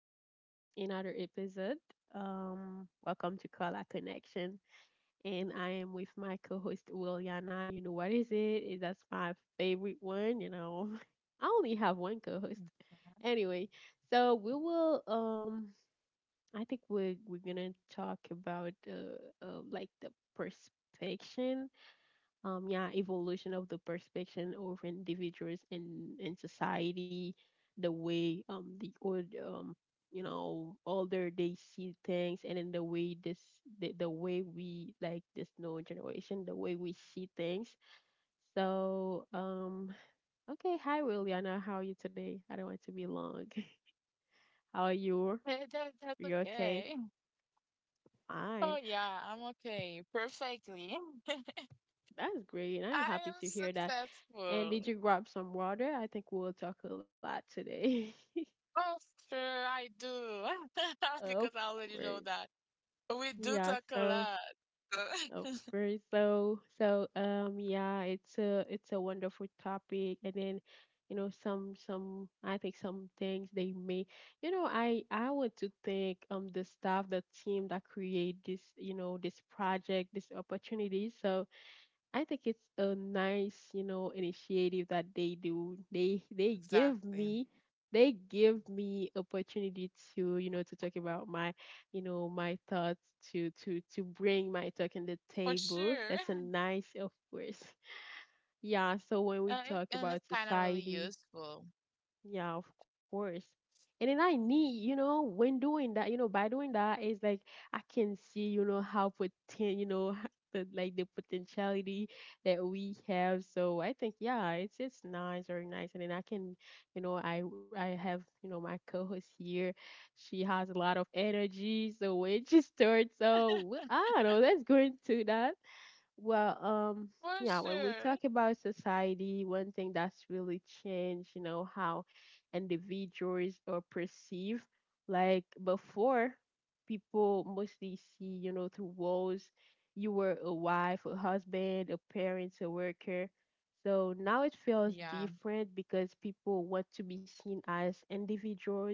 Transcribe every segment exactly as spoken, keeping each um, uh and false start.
um another episode. Um welcome to Color Connection and I am with my co-host Williana. You know what is it? Is That's my favorite one, you know. I only have one co-host. Anyway, so we will um I think we are we're we're going to talk about uh, uh like the perspective um, yeah, evolution of the perspective of individuals in in society, the way um the old um you know, older, they see things, and then the way this the, the way we, like, this new generation, the way we see things. So um okay, hi Williana, how are you today? I don't want to be long. How are you? That, that- that's You okay? okay. Oh Fine. yeah, I'm okay. Perfectly. That's great. I'm I happy am to hear that. And did successful. you grab some water? I think we'll talk a lot today. Oh, sure, I do. Of Because I already course. know that. We do Yeah, talk a so lot. of So- course. So so um yeah, it's a it's a wonderful topic, and then you know, some some I think some things they may, you know, I I want to thank um the staff, the team, that create this, you know, this project, this opportunity. So I think it's a nice, you know, initiative that they do. They they give Exactly. me they give me opportunity to, you know, to talk about my, you know, my thoughts, to to to bring my talk on the For table. sure. That's a nice, of course. Yeah, so when we Uh, it, talk and it's about kind of really society, useful. yeah, of course. And then I need, you know, when doing that, you know, by doing that, it's like I can see, you know, how potent, you know, the, like, the potentiality that we have. So I think, yeah, it's it's nice, very nice. And then I can, you know, I I have, you know, my co-host here. She has a lot of energy. So when she starts, so I don't know, let's go into that. Well, um, For yeah, when we sure. talk about society, one thing that's really changed, you know, how individuals are perceived. Like before, people mostly see, you know, through walls. You were a wife, a husband, a parent, a worker. So now it feels Yeah, different because people want to be seen as individuals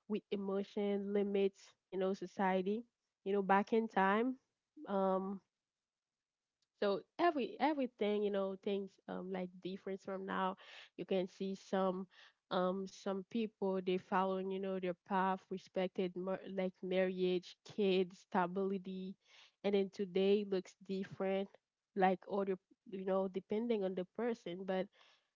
with emotion, limits, you know, society. You know, back in time. Um, so every everything, you know, things um like different from now. You can see some um some people, they following, you know, their path, respected mar- like marriage, kids, stability, and then today looks different, like other, you know, depending on the person. But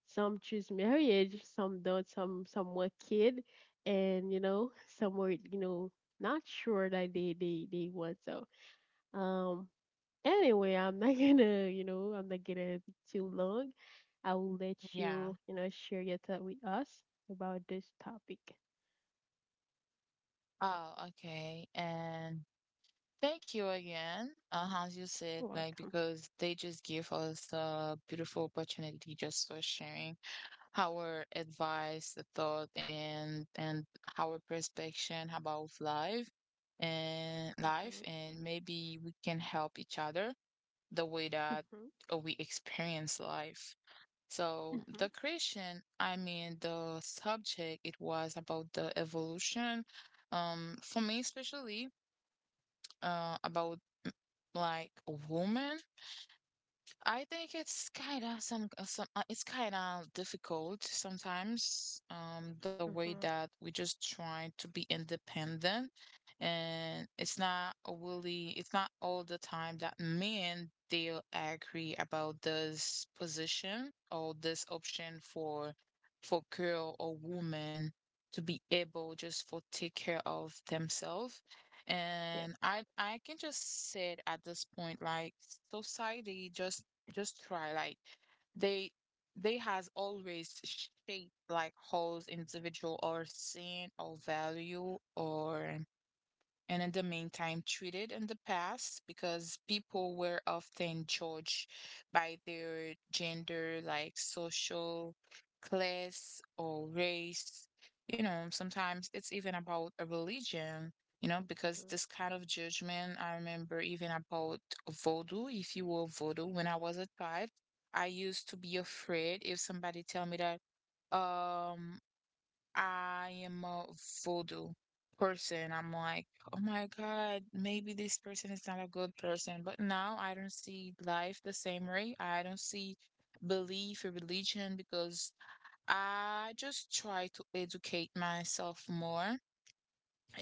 some choose marriage, some don't, some some were kid, and you know, some were, you know, not sure that they they, they want so. Um Anyway, I'm not gonna, you know, I'm not gonna be too long. I will let you, you yeah. know, share your thought with us about this topic. Oh, okay. And thank you again. Uh, as you You're said, like welcome. because they just give us a beautiful opportunity just for sharing our advice, the thought, and and our perspective about life and Mhm. life, and maybe we can help each other the way that Mhm. uh, we experience life. So Mhm. the creation, I mean, the subject, it was about the evolution. Um, for me especially, uh, about like women, I think it's kind of some uh, some uh, it's kind of difficult sometimes um the way Mhm. that we just trying to be independent, and it's not really it's not all the time that men they'll agree about this position or this option for for girl or woman to be able just for take care of themselves. Yeah. And I I can just say it at this point like society just just try like they they has always shaped like Hall's individual or scene or value or, and in the meantime treated in the past because people were often judged by their gender, like social class or race. You know, sometimes it's even about a religion, you know, because Mhm. this kind of judgment, I remember even about voodoo, if you were voodoo, when I was a child, I used to be afraid if somebody tell me that. Um, I am a voodoo person. I'm like, oh my God, maybe this person is not a good person. But now I don't see life the same way. I don't see belief or religion because I just try to educate myself more,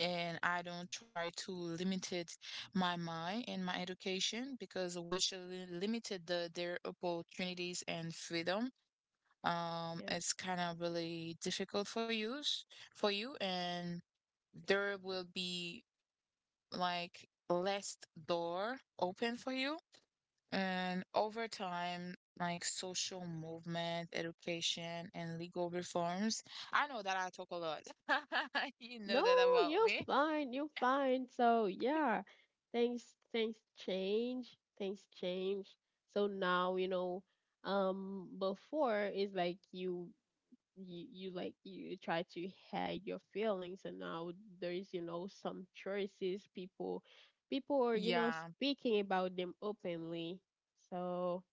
and I don't try to limit it my mind and my education because which li- limited the, their opportunities and freedom. um Yeah. it's kind of really difficult for you, for you and there will be like less door open for you, and over time like social movement, education, and legal reforms. I know that I talk a lot. You know No, that about you're me. fine. You're fine. So yeah, things things change. Things change. So now, you know. Um, before is like you, you you like, you try to hide your feelings, and now there's, you know, some choices, people people are, you know, Yeah, speaking about them openly. So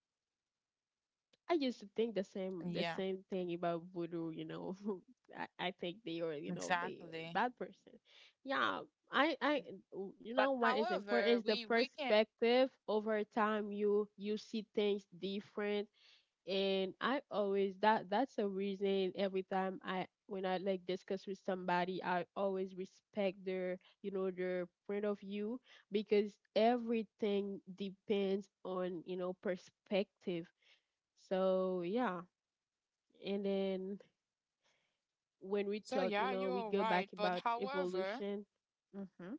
I used to think the same the yeah, same thing about voodoo, you know. I, I think they are, you know, they are exactly, bad person. Yeah. I I you know but what is important however is the we we can. perspective. Over time you, you see things different. And I always, that, that's a reason every time I when I, like, discuss with somebody, I always respect their, you know, their point of view, because everything depends on, you know, perspective. So yeah, and then when we So talk, you yeah, know, we you're go back right, but about however evolution. Mhm.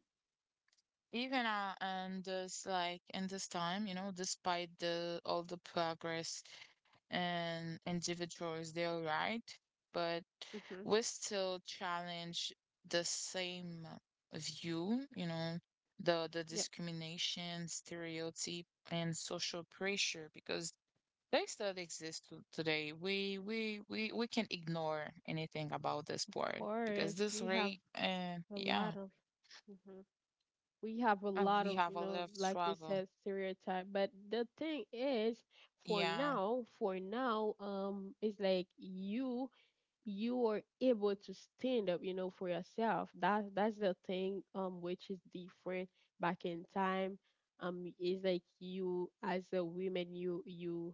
even, uh, and this like in this time, you know, despite the all the progress, and individuals, they're right, but Mhm. we still challenge the same view, you know, the the Yep. discrimination, stereotype, and social pressure because they still exist to- today. We we we we can ignore anything about this Of part because course, this we have rate, uh, a yeah, lot of. Mm-hmm. We have a uh, lot we of, have you a lot know, of like you struggle. said, stereotype. But the thing is for Yeah. now, for now um it's like you you are able to stand up, you know, for yourself. That, that's the thing, um which is different back in time. Um it's like you as a woman, you you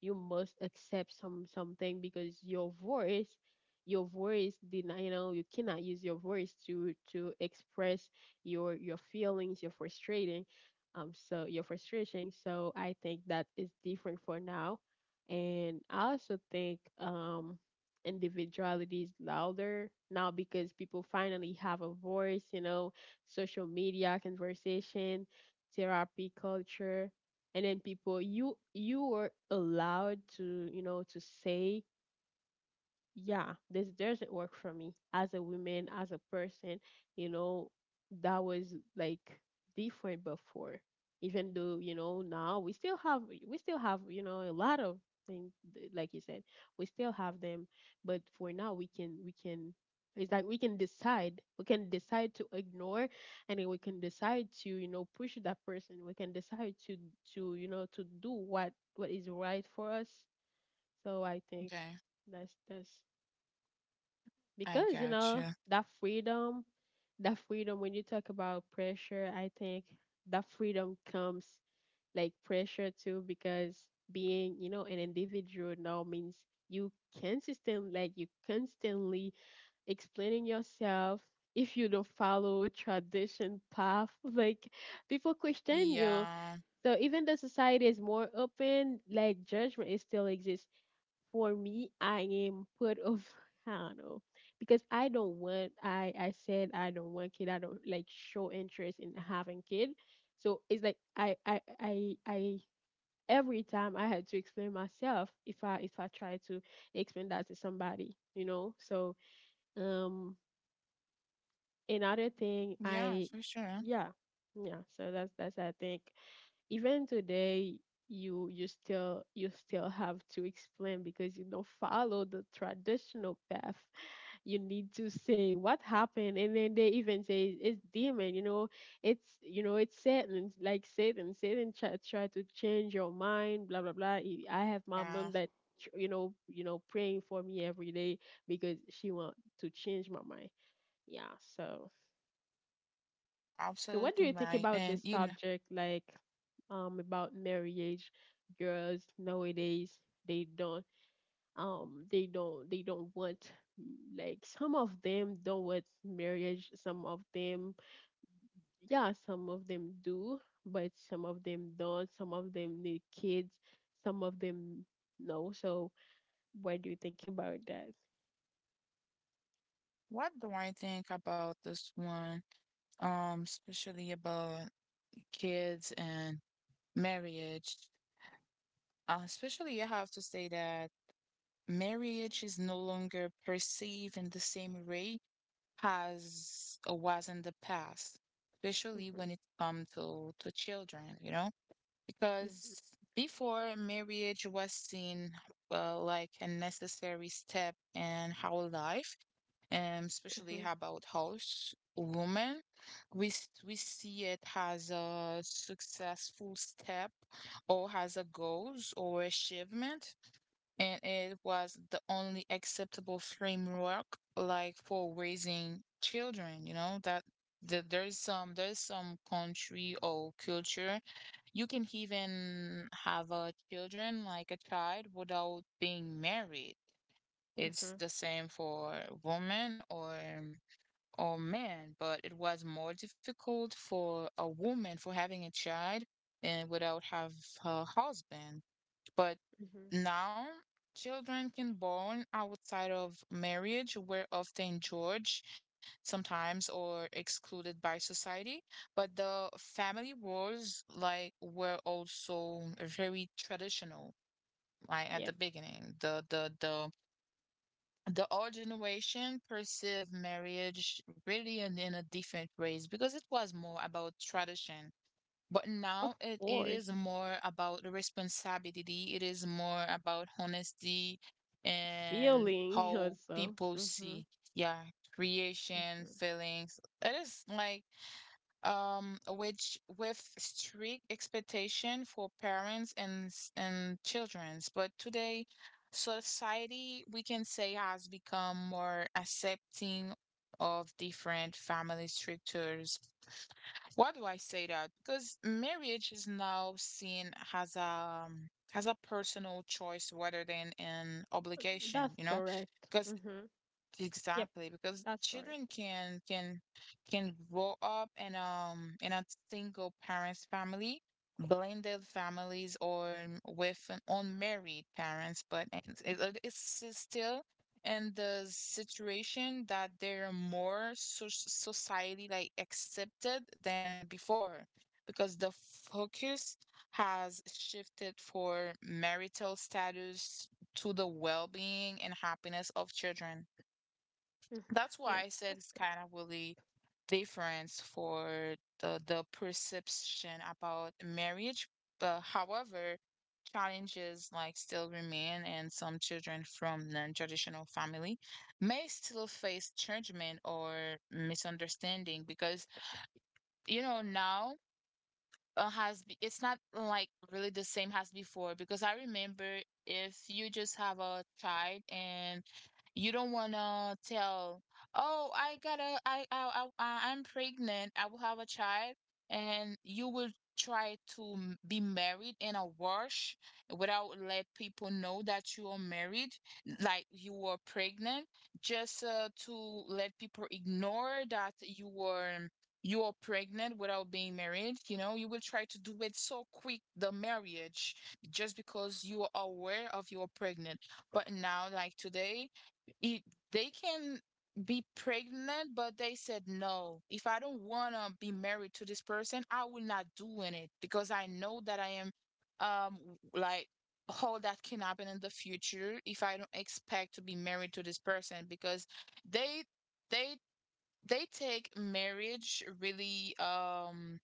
you must accept some something because your voice, your voice did not, you know, you cannot use your voice to to express your your feelings, your frustrating, um so your frustration. So I think that is different for now. And I also think um individuality is louder now because people finally have a voice, you know, social media conversation, therapy culture. And then people, you you were allowed to, you know, to say, yeah, this doesn't work for me as a woman, as a person, you know. That was like different before. Even though, you know, now we still have, we still have, you know, a lot of things, th- like you said, we still have them, but for now we can we can, it's like we can decide. We can decide to ignore, and then we can decide to, you know, push that person. We can decide to to, you know, to do what what is right for us. So I think Okay. that's that's I because you got know you. that freedom, that freedom, when you talk about pressure, I think that freedom comes like pressure too, because being, you know, an individual now means you consistent, like you constantly explaining yourself. If you don't follow a tradition path, like people question you. Yeah. So even though society is more open, like judgment is still exists. For me, I am part of I don't know, because I don't want. I I said I don't want kid. I don't like show interest in having kid. So it's like I I I I every time I had to explain myself, if I, if I try to explain that to somebody, you know. So um another thing Yeah, I, for sure. yeah, yeah. So that's that's I think, even today, you you still, you still have to explain because you don't follow the traditional path. You need to say what happened, and then they even say it's demon, you know. It's, you know, it's Satan. Like Satan, Satan try, try to change your mind, blah blah blah. i I have my Yeah, mom that tr- you know, you know, praying for me every day because she want to change my mind. Yeah, so so what do absolutely you think right. about And this you know, subject, like um about marriage. Girls nowadays they don't, um they don't, they don't want, like some of them don't want marriage, some of them, yeah, some of them do, but some of them don't, some of them need kids, some of them no. So what do you think about that? what do I think about this one? Um, especially about kids and marriage. Uh, especially I have to say that marriage is no longer perceived in the same way as it was in the past, especially Mm-hmm, when it comes to to children, you know? Because mm-hmm, before, marriage was seen uh, like a necessary step in our life, and especially mm-hmm, how about house woman. We s- we see it as a successful step, or as a goals or achievement, and it was the only acceptable framework like for raising children. You know that that there's some there's some country or culture, you can even have a children like a child without being married. It's mm-hmm, the same for women or or men, but it was more difficult for a woman for having a child and without have her husband. But mm-hmm. now, children can born outside of marriage were often judged sometimes or excluded by society, but the family roles like were also very traditional. Like at Yep, the beginning, the the the the old generation perceived marriage really in, in a different ways because it was more about tradition, but of now it, it is course. more about the responsibility. It is more about honesty, and Feeling how also. people Mm-hmm, see, yeah, creation, mm-hmm. feelings. It is like um which with strict expectation for parents and s- and childrens. But today society we can say has become more accepting of different family structures. Why do I say that? Because marriage is now seen as a um, as a personal choice rather than an obligation, That's you know? correct. Because Mm-hmm. Yep, Exactly, because that's correct. children can can can grow up in um in a single parent's family, blended families, or m- with an unmarried parents, but it's, it, uh, it's s- still in the situation that they're more so society like accepted than before, because the focus has shifted for marital status to the well-being and happiness of children. Hmm. That's Yep, why I said of it's course. kind of really difference for the the perception about marriage. But however, challenges like still remain, and some children from non-traditional family may still face judgment or misunderstanding because you know now, uh, has be- it's not like really the same as before because I remember if you just have a child and you don't wanna tell, oh, I gotta, I, I, I, I'm pregnant, I will have a child, and you will try to m- be married in a rush without let people know that you are married, like you were pregnant, just uh, to let people ignore that you were you are pregnant without being married, you know, you will try to do it so quick, the marriage, just because you are aware of you're pregnant. But now, like today, it, they can be pregnant, but they said, no, if I don't want to be married to this person, I will not doing it because I know that I am, um, like, how that can happen in the future if I don't expect to be married to this person because they they they take marriage really um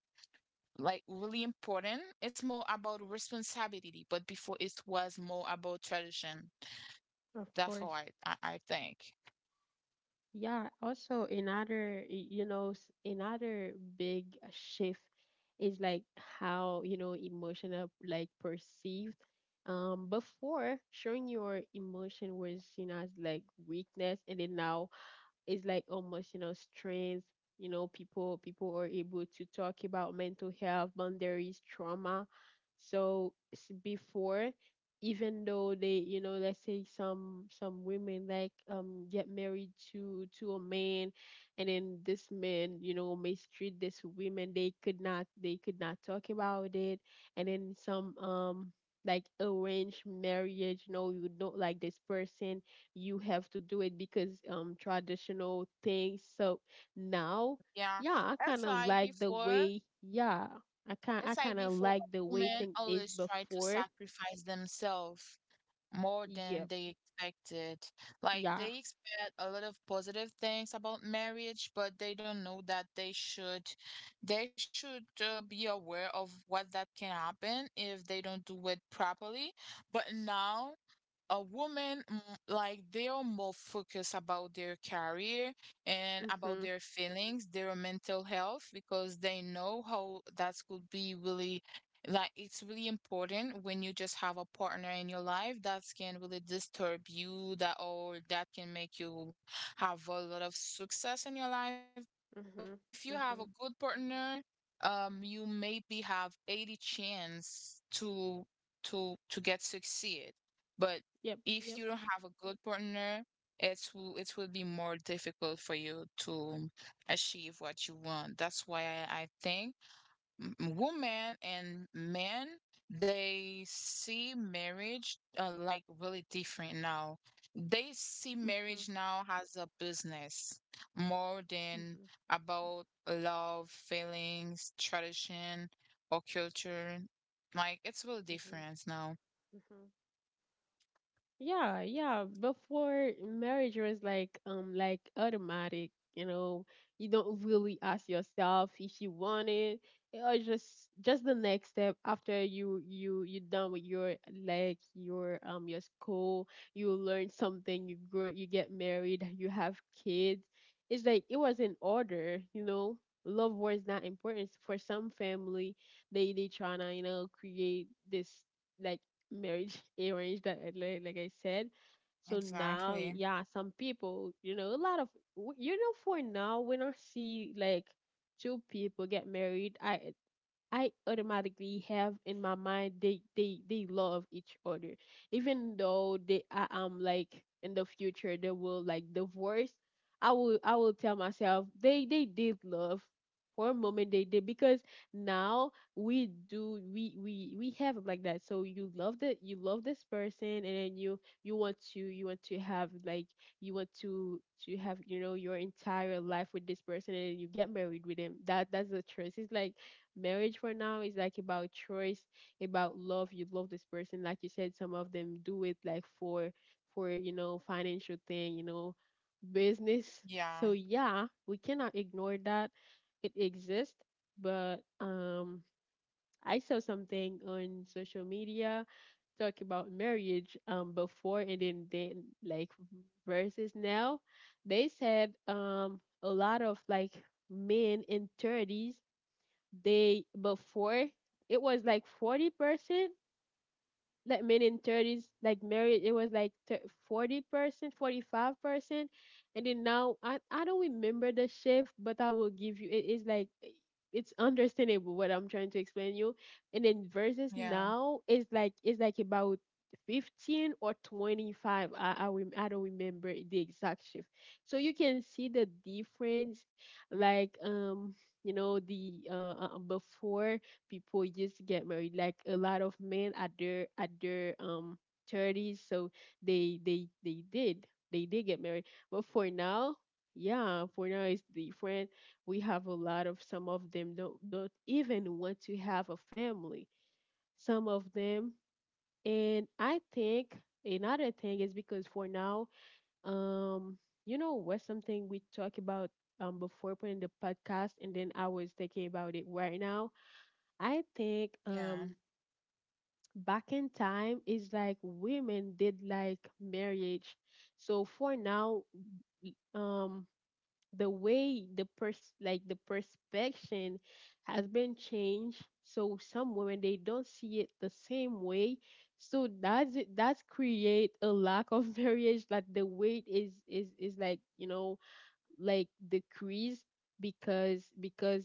like really important. It's more about responsibility, but before it was more about tradition. Of That's how course. I I, I think. Yeah, also another, y- you know, s- another big shift is like how, you know, emotional like perceived. Um, before showing your emotion was seen as like weakness, and then now it's like emotional strength, you know. People, people are able to talk about mental health, boundaries, trauma. So s- before, even though they, you know, let's say some some women like um get married to to a man, and then this man, you know, mistreat this women, they could not, they could not talk about it. And then some um like arranged marriage, no, you don't like this person, you have to do it because um traditional things. So now, Yeah, yeah, I it's kind of like like the before. way, yeah, I kind It's I like kind of before like the way women thing is always try to before. sacrifice themselves more than Yep. they expected. Like Yeah. they expect a lot of positive things about marriage, but they don't know that they should they should uh, be aware of what that can happen if they don't do it properly. But now a woman, mm, like they are more focused about their career and about Mhm. their feelings, their mental health, because they know how that could be really, like it's really important when you just have a partner in your life that can really disturb you, that or that can make you have a lot of success in your life. But Mhm. if you have a Mhm. good partner, um, you maybe have eighty chance to to to get succeed. But Yep. if Yep. you don't have a good partner, it will it will be more difficult for you to achieve what you want. That's why I, I think m- women and men, they see marriage uh, like really different now. They see Mhm. marriage now as a business more than Mhm. about love, feelings, tradition, or culture. Like it's really Mhm. different now. Mhm. Yeah, yeah. Before marriage was like um like automatic, you know. You don't really ask yourself if you want it, or just just the next step after you, you you done with your, like your um your school, you learn something, you grow, you get married, you have kids. It's like it was in order, you know. Love was not important for some family. They they tryna, you know, create this, like, marriage arranged, that, like, like I said. So now, y- Exactly. yeah, some people, you know, a lot of w- you know, for now, when I see like two people get married, i I automatically have in my mind they, they they love each other, even though they, I am like, in the future they will like divorce. I will I will tell myself they they did love for a moment they did, because now we do, we we we have it like that. So you love the, you love this person, and then you you want to, you want to have like, you want to to have, you know, your entire life with this person, and then you get married with him. That, that's the choice. It's like marriage for now is like about choice, about love. You love this person, like you said. Some of them do it like for for you know financial thing, you know, business. So Yeah, yeah, we cannot ignore that it exists. But um I saw something on social media talk about marriage um before, and then then like versus now. They said um a lot of like men in thirties, they before it was like forty percent, like men in thirties like married, it was like forty percent, forty-five percent. And then now, I, I don't remember the shift, but I will give you. It is like eh, it's understandable what I'm trying to explain you. And then versus yeah, now, it's like it's like about fifteen or twenty-five. i i, rem- I don't remember the exact shift. So you can see the difference. Like um you know the uh, uh before, people used to get married. Like a lot of men at their at their um thirties. So they they they did they did get married. But for now, yeah, for now it's different. We have a lot of, some of them don't don't even want to have a family. Some of them, and I think another thing is because for now, um, you know, what's something we talk about um before putting the podcast, and then I was thinking about it right now. I think um yeah, back in time is like women did like marriage. So for now, w- um the way the pers like the perspective has been changed. So some women, they don't see it the same way. So that's it, that's create a lack of marriage. Like the weight is is is like, you know, like decrease. Because because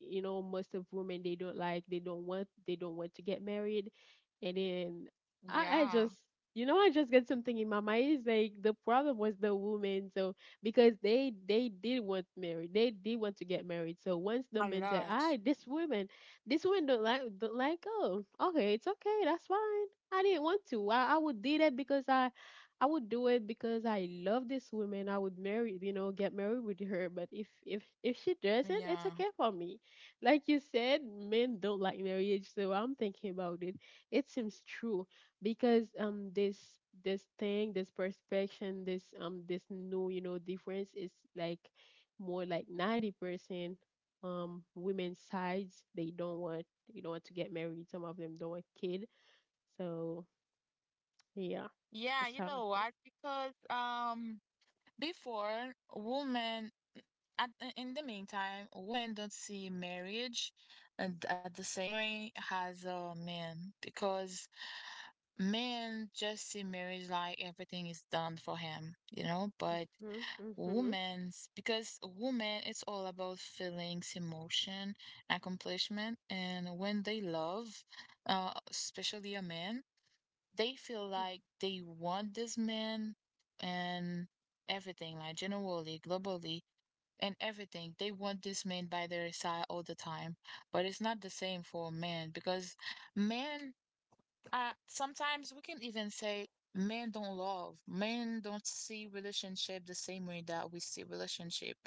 you know, most of women, they don't like they don't want they don't want to get married. And then I, I yeah. just, you know, I just get something in my mind is like the problem was the women. So because they they did want married, they did want to get married. So once the A men said, lot. "I, this woman this woman don't like don't like Oh, okay, it's okay, that's fine." I didn't want to. I, I would do that because I I would do it because I love this woman. I would marry, you know, get married with her. But if if if she doesn't, it's Yeah. okay for me. Like you said, men don't like marriage, so I'm thinking about it. It seems true because um this this thing, this perspective, this um this new, you know, difference is like more like ninety percent um women's sides. They don't want they don't want to get married. Some of them don't want kid. So yeah, Yeah, that's you how I know think. what, because um before, women, at, in the meantime, women don't see marriage and at the same way as uh, men, because men just see marriage like everything is done for him, you know, but Mhm, mhm, mhm. women's because women, it's all about feelings, emotion, accomplishment, and when they love uh especially a man, they feel like they want this man, and everything, like generally, globally, and everything. They want this man by their side all the time. But it's not the same for men because men, uh, sometimes we can even say men don't love. Men don't see relationship the same way that we see relationship.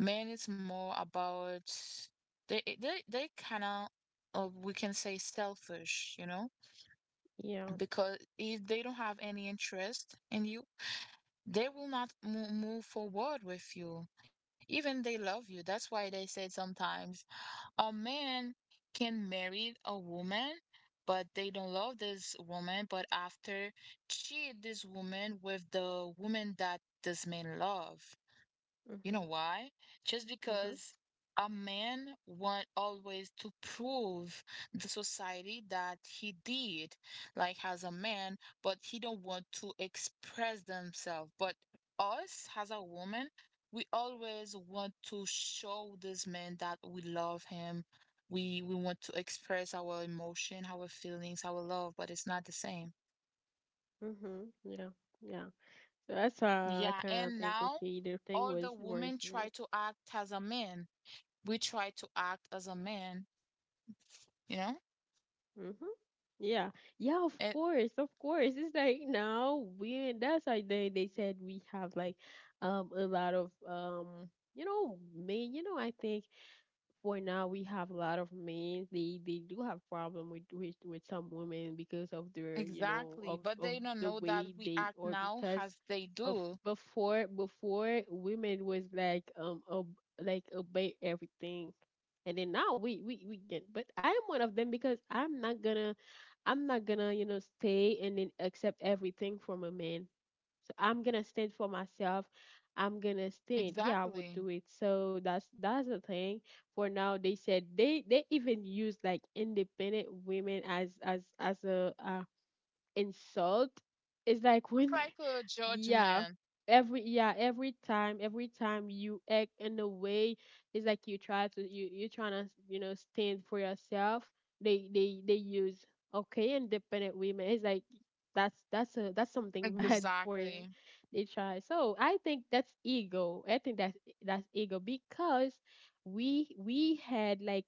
Men is more about they they they kind of, uh, we can say selfish, you know, Yeah. because if they don't have any interest in you, they will not mo- move forward with you, even they love you. That's why they said sometimes a man can marry a woman, but they don't love this woman, but after cheat this woman with the woman that this man love. You know Mhm, why? Just mhm, because a man want always to prove the society that he did, like as a man, but he don't want to express themselves. But us as a woman, we always want to show this man that we love him. We we want to express our emotion, our feelings, our love, but it's not the same. mhm. Yeah, yeah. So that's why I Yeah, kind of and think, now okay, the thing all the was worse, women try man. to act as a man. We try to act as a man, you know? Mhm. Yeah, yeah. Of It course, of course. It's like now we. That's why they they said we have like, um, a lot of um. You know, me. You know, I think for now we have a lot of men, they they do have problem with with, with some women because of their, you know, Exactly. of But of they don't the know that way we they, act or now because as they of do. before. Before women was like um ob, like obey everything. And then now we we we get. But I'm one of them, because i'm not gonna i'm not gonna, you know, stay and then accept everything from a man. So I'm gonna stand for myself. I'm gonna stand. Yeah, I would Exactly. do it. So that's that's the thing. For now, they said they they even use like independent women as as as a uh, insult. It's like It's when, like a yeah. judgment. Every Yeah, every time, every time you act in a way, it's like you try to you you're trying to, you know, stand for yourself. They they they use, okay, independent women. It's like that's that's a that's something bad for them. Exactly. They try. So I think that's ego. I think that's that's ego, because we we had like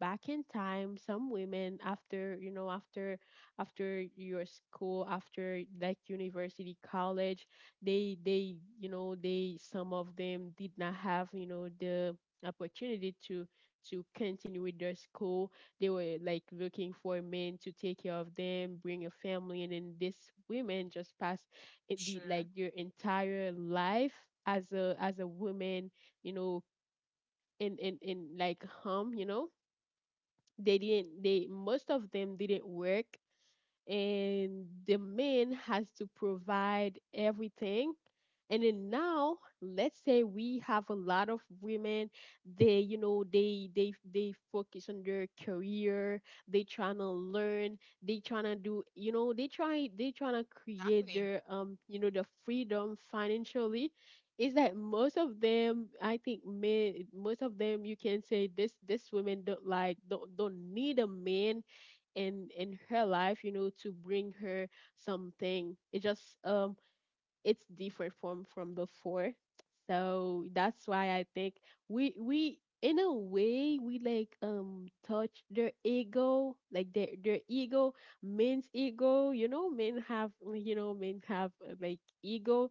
back in time some women after, you know, after after your school, after like university, college, they they you know, they some of them did not have, you know, the opportunity to to continue with their school. They were like looking for men to take care of them, bring a family. And then this women just passed it the like Sure. their entire life as a as a woman, you know, in in in like home, you know. They didn't they, most of them, didn't work, and the man has to provide everything. And then now, let's say we have a lot of women. They You know, they they they focus on their career. They trying to learn, they trying to do, you know, they try they trying to create Exactly. their, um you know, the freedom financially. Is that most of them, I think men, most of them, you can say this, this women don't like don't don't need a man in in her life, you know, to bring her something. It just um it's different from from before. So that's why I think we we in a way, we like um touch their ego, like their their ego, men's ego. You know, men have, you know, men have uh, like ego.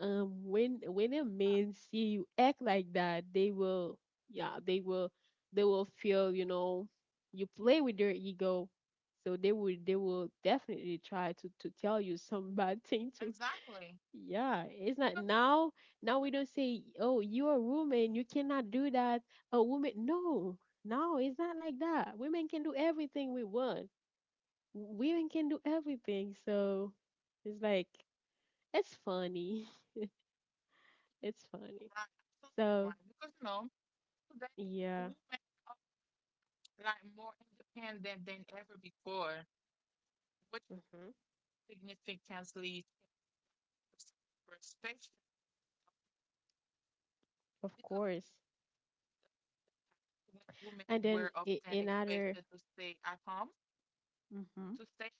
Um, when when a Yeah, man see you act like that, they will, yeah, they will they will feel, you know, you play with their ego. So they will they will definitely try to to tell you some bad thing to, exactly. yeah, it's Because not now. Now women we don't say, "Oh, you're a woman, you cannot do that." A woman, no, no, it's not like that. Women can do everything we want. Women can do everything. So it's like it's funny. It's funny. are right, absolutely So right. Because you know, today yeah. women are like more independent than ever before, which Hmm. significantly changes perspective. Of Because course. when women And then were i- often another. expected to stay at home, Hmm. to stay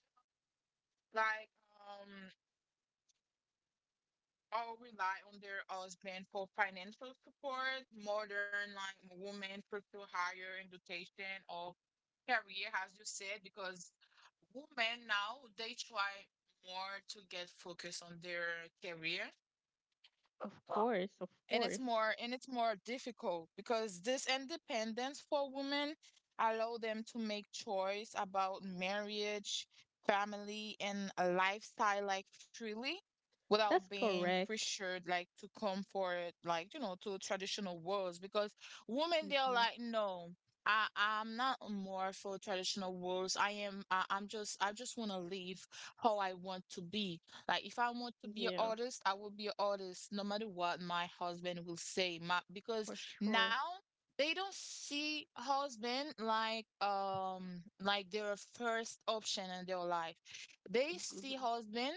like um or rely on their husband for financial support. Modern like women pursue higher education or career, as you said, because women now they try more to get focused on their career, Of course, of and it's course, more and it's more difficult because this independence for women allow them to make choice about marriage, family, and a lifestyle like freely without that's being correct. pressured like to comfort like you know to traditional worlds. Because women they're Hmm. like, no, I I'm not more for traditional rules. I am I, I'm just I just want to live how I want to be. Like if I want to be an Yeah, artist, I will be an artist no matter what my husband will say. My, because for sure. now they don't see husband like um like their first option in their life. They see Hmm. husband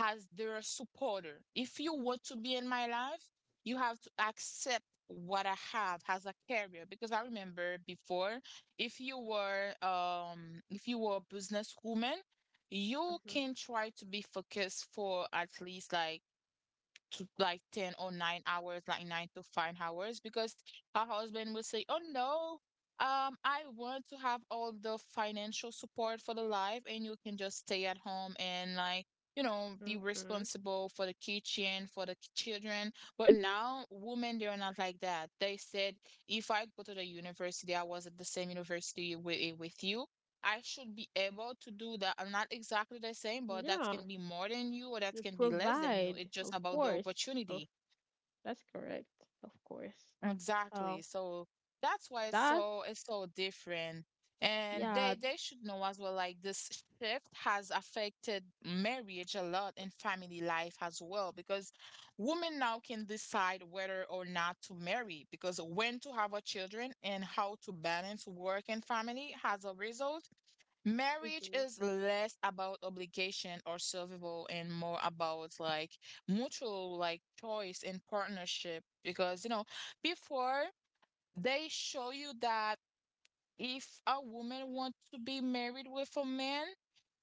as their supporter. If you want to be in my life, you have to accept what I have as a career. Because I remember before, if you were um if you were a businesswoman, you can try to be focused for at least like to like ten or nine hours, like nine to five hours, because her husband will say, oh no, um I want to have all the financial support for the life, and you can just stay at home and, like, you know, be Hmm. responsible for the kitchen, for the children. But now women they're not like that. They said, if I go to the university, I was at the same university with, with you, I should be able to do that. I'm not exactly the same, but that Yeah, can be more than you or they that can be less than you. provide, It's just of about the course. Oh, opportunity. that's correct, of course. Exactly. So So that's why it's that's. so it's so different. And Yeah. they they should know as well, like this shift has affected marriage a lot and family life as well, because women now can decide whether or not to marry, because when to have a children and how to balance work and family has a result. Marriage Hmm. is less about obligation or survival and more about like mutual like choice and partnership, because you know, before, they show you that if a woman wants to be married with a man,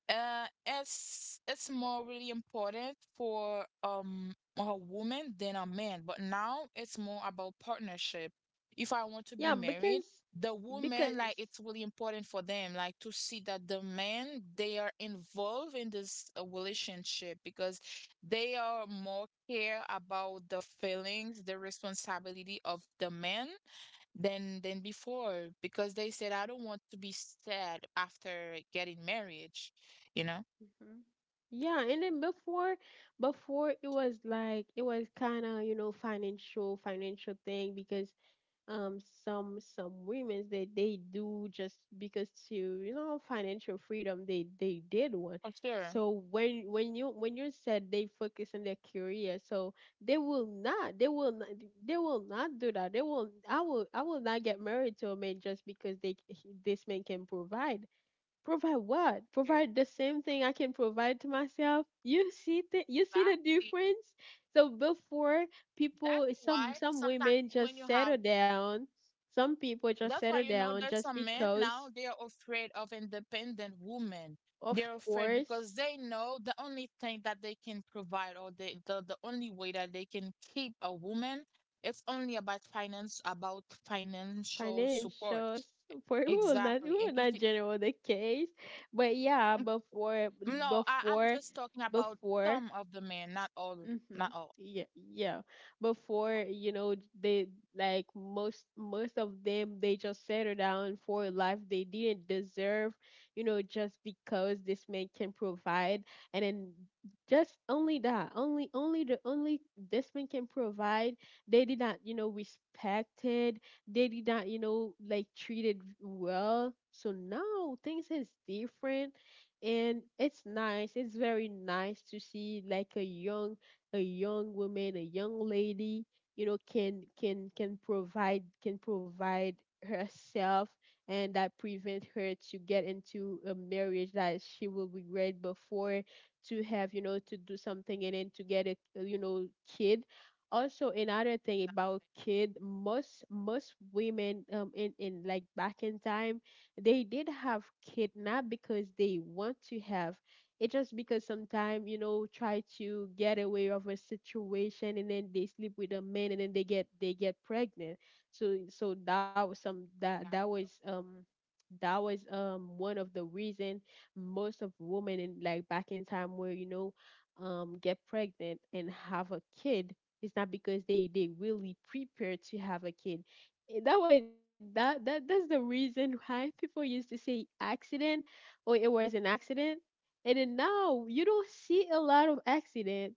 uh, it's it's more really important for um a woman than a man, but now it's more about partnership. If I want to be Yeah, married, because, the woman, like, because it's really important for them like to see that the men they are involved in this uh, relationship, because they are more care about the feelings, the responsibility of the man than than before, because they said, I don't want to be sad after getting marriage, you know? hmm. Yeah, and then before before it was like, it was kind of, you know, financial financial thing, because um some some women, they they do just because to, you know, financial freedom. They they did one. For sure. So when when you when you said they focus on their career. So they will not they will not they will not do that. They will i will I will not get married to a man just because they this man can provide. Provide what? Provide the same thing I can provide to myself. You see the you see the Exactly. difference? So before, people, That's some why some sometimes women when just you settle have, down. Some people just that's settle why you know down there's just some men now because, they are afraid of independent women. of They're afraid course, because they know the only thing that they can provide, or the, the the only way that they can keep a woman, it's only about finance, about financial support. financial support. We will not we Exactly. And will if not it, general the case. But yeah, before no, I, I'm before just talking about before. some of the men, not all, not Mm-hmm. all. Yeah, yeah. Before, you know, they like most most of them, they just settle down for a life they didn't deserve, you know, just because this man can provide. And then just only that, only only the only this man can provide. They did not, you know, respected. They did not, you know, like, treated well. So now things is different, and it's nice it's very nice to see like a young a young woman, a young lady, you know, can can can provide can provide herself, and that prevent her to get into a marriage that she will regret, before to have, you know, to do something and then to get a, you know, kid. Also, another thing about kid, most most women um in, in like back in time, they did have kid not because they want to have. It's just because sometimes, you know, try to get away of a situation, and then they sleep with a man, and then they get they get pregnant. So so that was some, that that Got you. was um that was um one of the reason. Most of women in like back in time where, you know, um get pregnant and have a kid. It's not because they they really prepare to have a kid. Eh, that was that that that's the reason why people used to say accident, or it was an accident. And then now you don't see a lot of accident.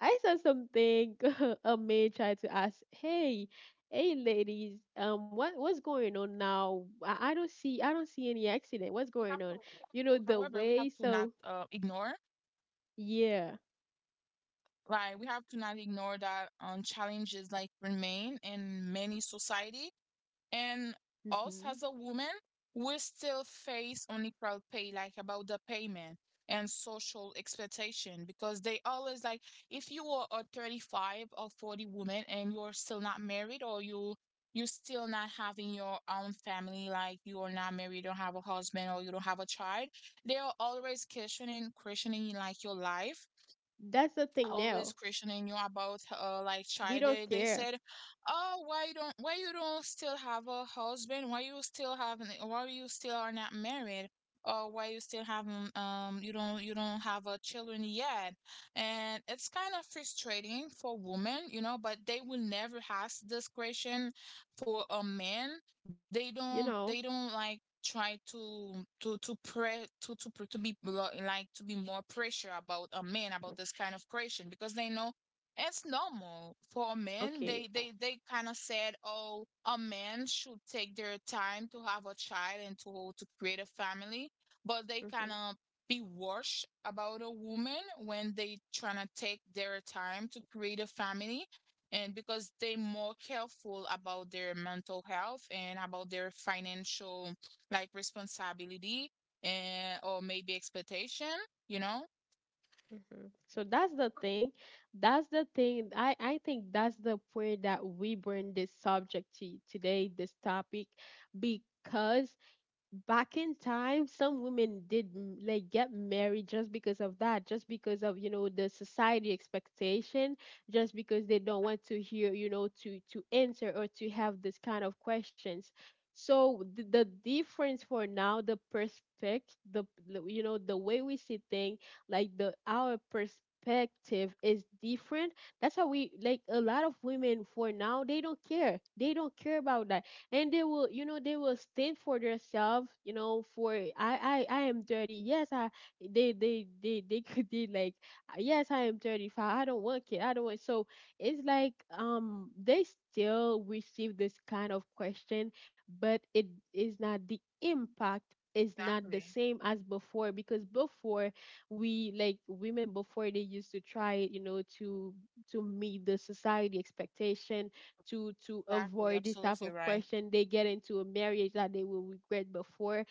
I saw something a man But tried to ask, however, "Hey, we hey, we have ladies, to um, what what's going on we have now? to we I, I have don't to see, I don't however, see we have any to accident. not What's going uh, on?" You know ignore, the way. So yeah. like we have to not ignore that um, challenges like remain in many society. And us as a woman, Hmm. we still face unequal pay, like about the payment, and social expectation, because they always like, if you are a thirty-five or forty woman and you're still not married, or you you still not having your own family, like you're not married, you don't have a husband or you don't have a child, they are always questioning questioning like your life, That's the thing always now. questioning you about uh like We child. they, don't they care. said, oh, why you don't, why you don't still have a husband, why you still have n- why you still are not married, or why you still haven't um um, you don't, you don't have a children yet. And it's kind of frustrating for women, you know, but they will never ask this question for a man. they You don't know. they don't like try to to to pre to to pre- to be lo- like to be more pressure about a man about this kind of question, because they know it's normal for men. Okay. They they they kind of said, oh, a man should take their time to have a child and to to create a family, but they kind Hmm. of be worse about a woman when they trying to take their time to create a family, and because they're more careful about their mental health and about their financial like responsibility and or maybe expectation, you know? Hmm. So that's the thing. That's the thing. I, I think that's the point that we bring this subject to today, this topic, because back in time some women did m- like get married just because of that, just because of, you know the society expectation, just because they don't want to hear, you know to to answer or to have this kind of questions. So the, the difference for now, the perspective, the the- you know the way we see things, like, the our perspective is different. That's how we, like, a lot of women for now, they don't care they don't care about that. And they will you know they will stand for themselves, you know for... i i i am thirty. Yes, I... they they they they could be like, yes, I am thirty-five, I don't want kid, I don't want. So it's like, um they still receive this kind of question, but it... is not the impact, is not the Exactly. same as before, because before, we, like, women before, they used to try it, you know to to meet the society expectation, to to Exactly. avoid this type Absolutely of right. question, they get into a marriage that they will regret. Before,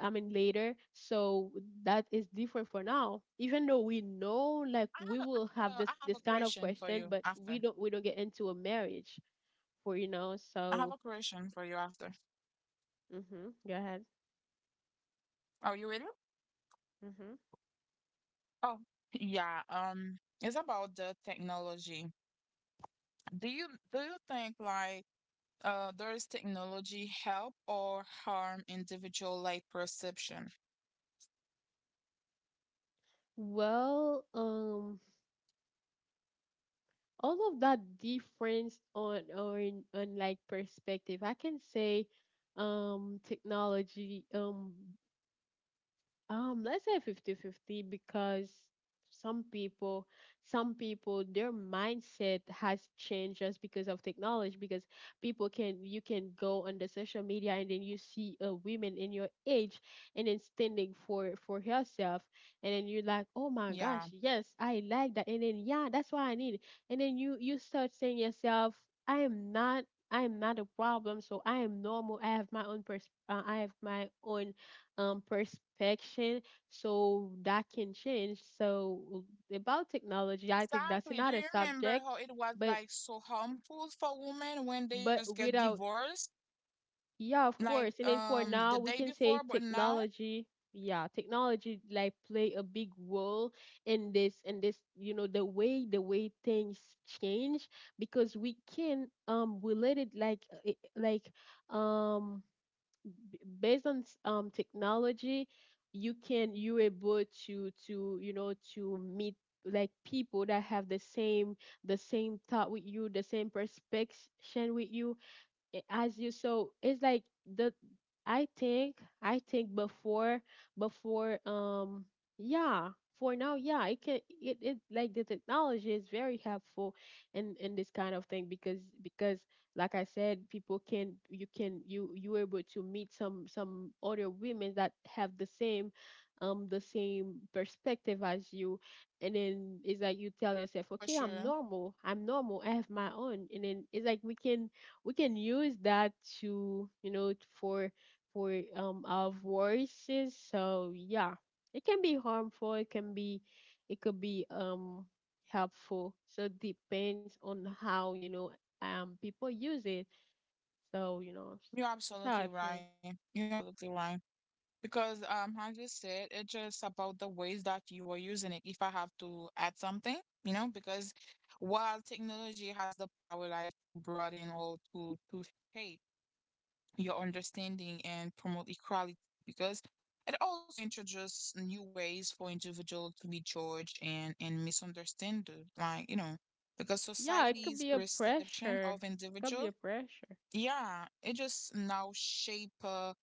I mean, later. So that is different for now. Even though we know, like, I we have a, will I have have a, this I have a this kind of question for question, you but we after. don't we don't get into a marriage for, you know I have so... a question for you after. Hmm. Go ahead. Are you ready? Hmm. Oh, yeah. Um, it's about the technology. Do you do you think like uh does technology help or harm individual like perception? Well, um, all of that difference on, or on, like, perspective, I can say, um, technology. Um, Um, let's say fifty-fifty, because some people, some people, their mindset has changed just because of technology. Because people can, you can go on the social media and then you see a woman in your age and then standing for for herself, and then you're like, oh my Yeah. gosh, yes, I like that, and then yeah, that's what I need, and then you you start saying yourself, I am not. I am not a problem, so I am normal. I have my own pers- uh, I have my own um perspective. So that can change. So, about technology, I think that's Exactly. Do another you remember subject. how it was but like so harmful for women when they but just get without... divorced? Yeah, of Like, course. And then, for um, now, the we day can say before, but now technology... Yeah, technology, like, play a big role in this in this, you know the way the way things change, because we can um relate it, like, uh, it- like, um b- based on, s- um, technology, you can you able to to, you know to meet, like, people that have the same the same thought with you, the same perspective with you, i- as you. So it's like, the... i think i think before, before um yeah. For now, yeah, it can, it, it, like, the technology is very helpful in in this kind of thing, because, because like I said, people can, you can you you able to meet some some other women that have the same, um the same perspective as you. And then it's like, you tell yourself, for okay, i'm sure. normal i'm normal I have my own. And then it's like, we can we can use that to, you know t- for for um our voices. So yeah, it can be harmful, it can be... it could be um helpful. So it depends on how, you know um people use it, so, you know. You're That's how I absolutely think. right. You're absolutely right. Because, um, as you said, it's just about the ways that you are using it. If I have to add something, you know, because while technology has the power like to broaden or to to shape your understanding and promote equality, because it also introduces new ways for individuals to be judged and, and misunderstood, like you know, because Yeah, it could society's be a perception of pressure, could individual, be a pressure. yeah, it just now shape, uh,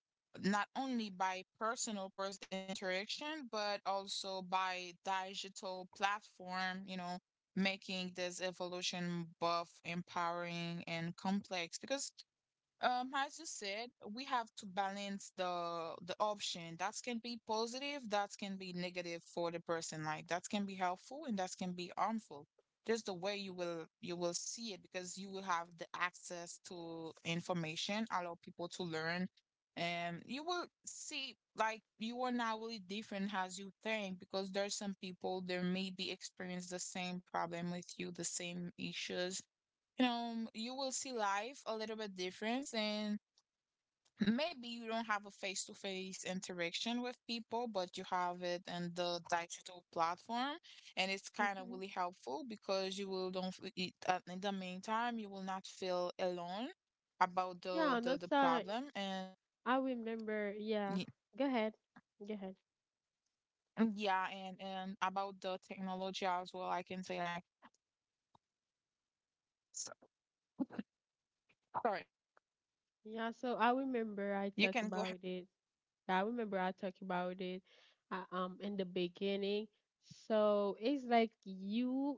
not only by personal pers- interaction but also by digital platform, you know, making this evolution both empowering and complex, because, um, as you said, we have to balance the the option. That can be positive, that can be negative for the person. Like that can be helpful and that can be harmful. Just the way you will you will see it, because you will have the access to information, allow people to learn, and you will see like you are not really different as you think, because there's some people there may be experience the same problem with you, the same issues. Um, you will see life a little bit different, and maybe you don't have a face-to-face interaction with people but you have it in the digital platform. And it's kind of Hmm. really helpful because you will don't f- it- uh, in the meantime you will not feel alone about Yeah, the and the, that's the how problem. And I remember. Yeah. y- Go ahead. Go ahead. yeah, and and about the technology as well, I can say like, s- sorry, Yeah, so I remember I you talk can go ahead. about it. I remember I talked about it uh, um in the beginning. So it's like, you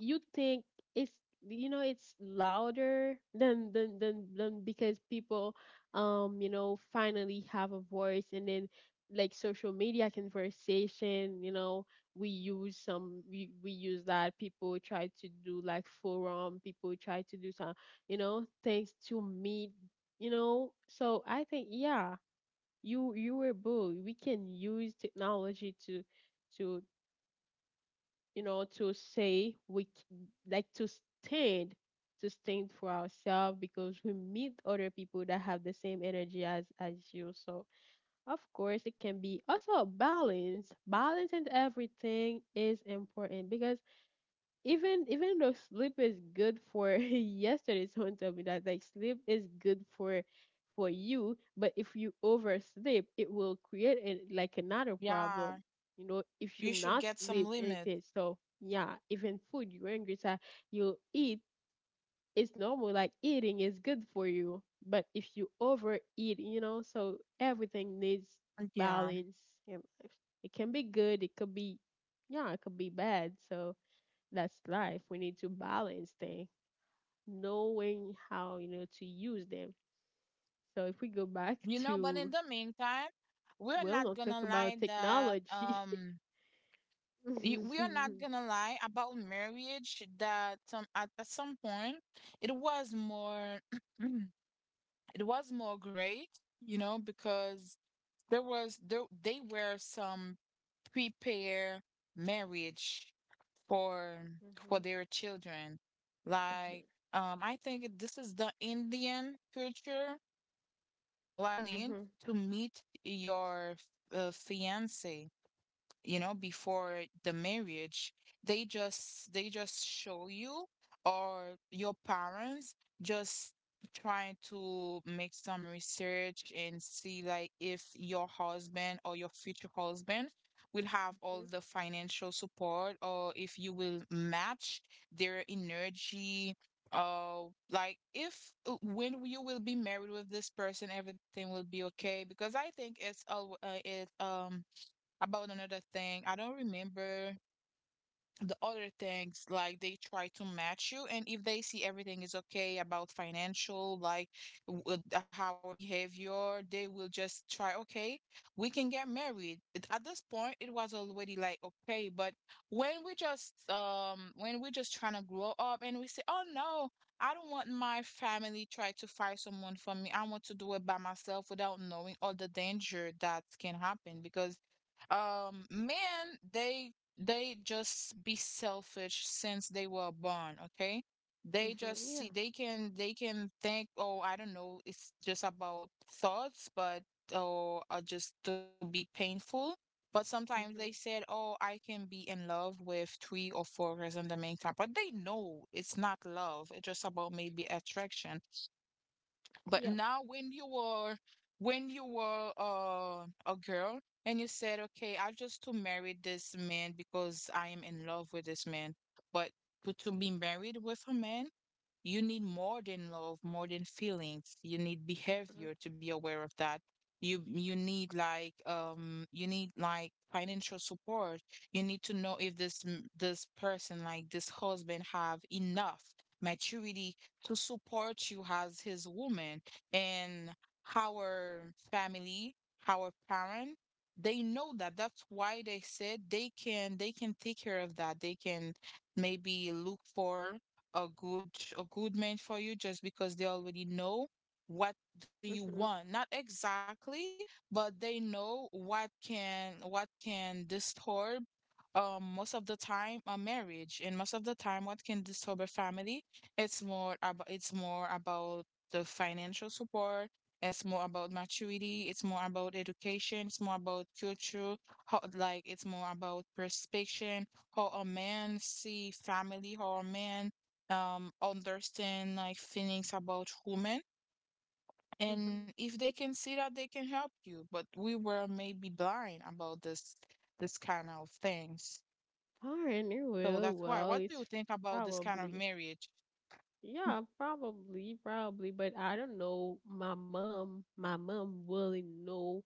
you think it's, you know it's louder than than than, than, because people, um you know finally have a voice. And then, like, social media conversation, you know we use some, we, we use that. People try to do like forum, people try to do some, you know things to meet, you know so I think, yeah, you you were bull. We can use technology to to, you know to say, we c- like, to stand, to stand for ourselves, because we meet other people that have the same energy as as you. So of course, it can be also a balance. Balance and everything is important, because even even though sleep is good for yesterday someone told me that, like, sleep is good for for you, but if you oversleep, it will create an, like, another Yeah, problem, you know if you you should not get some sleep limit. anything. So yeah, even food, you're angry. So you eat, it's normal. Like, eating is good for you, but if you overeat, you know so everything needs Yeah. balance in life. It can be good, it could be... Yeah, it could be bad. So that's life. We need to balance them, knowing how, you know to use them. So if we go back You know, but in to... the meantime, we're Well, not not talk gonna lie about that, technology. um, y- we are not Mhm. gonna lie about marriage that, um, at, at some point it was more it was more great, you know, because there was, there they were some prepare marriage for for Mhm. their children. Mhm. Like, um, I think this is the Indian culture, like you do need Mhm. to meet your, uh, fiance, you know, before the marriage. They just, they just show you, or your parents just trying to make some research and see like if your husband or your future husband will have all the financial support, or if you will match their energy, uh like if, uh, when you will be married with this person everything will be okay, because I think it's all, uh, it um about another thing. I don't remember the other things, like they try to match you, and if they see everything is okay about financial, like w- uh, the- our behavior, they will just try, okay, we can get married. It- at this point it was already like okay. But when we just, um, when we're just trying to grow up and we say, oh no, I don't want my family try to find someone for me, I want to do it by myself, without knowing all the danger that can happen. Because, um, men, they they just be selfish since they were born. Okay, they Mhm. just Yeah. see, they can, they can think, oh, I don't know, it's just about thoughts. But or, uh, just to be painful. But sometimes they Mhm. said, oh, I can be in love with three or four girls in the meantime, but they know it's not love, it's just about maybe attraction. But Yeah. now, when you were when you were, uh, a girl and you said, "Okay, I just to marry this man because I am in love with this man," but to, to be married with a man, you need more than love, more than feelings. You need Mhm. behavior to be aware of that. You you need like um you need like financial support. You need to know if this m- this person, like this husband, have enough maturity to support you as his woman, and our family, our parent, they know that. That's why they said they can they can take care of that. They can maybe look for a good a good man for you just because they already know what do you Mhm. want. Not exactly, but they know what can what can disturb um most of the time a marriage, and most of the time what can disturb a family, it's more about it's more about the financial support. It's more about maturity. It's more about education. It's more about culture. How, like, it's more about perception. How a man see family. How a man um understand like feelings about women. Mhm. And if they can see that, they can help you. But we were maybe blind about this this kind of things. All right. So well, that's why. well, What do it's you think about this kind of probably... marriage? Hm. Yeah, probably, probably, but I don't know. My mom, my mom really know,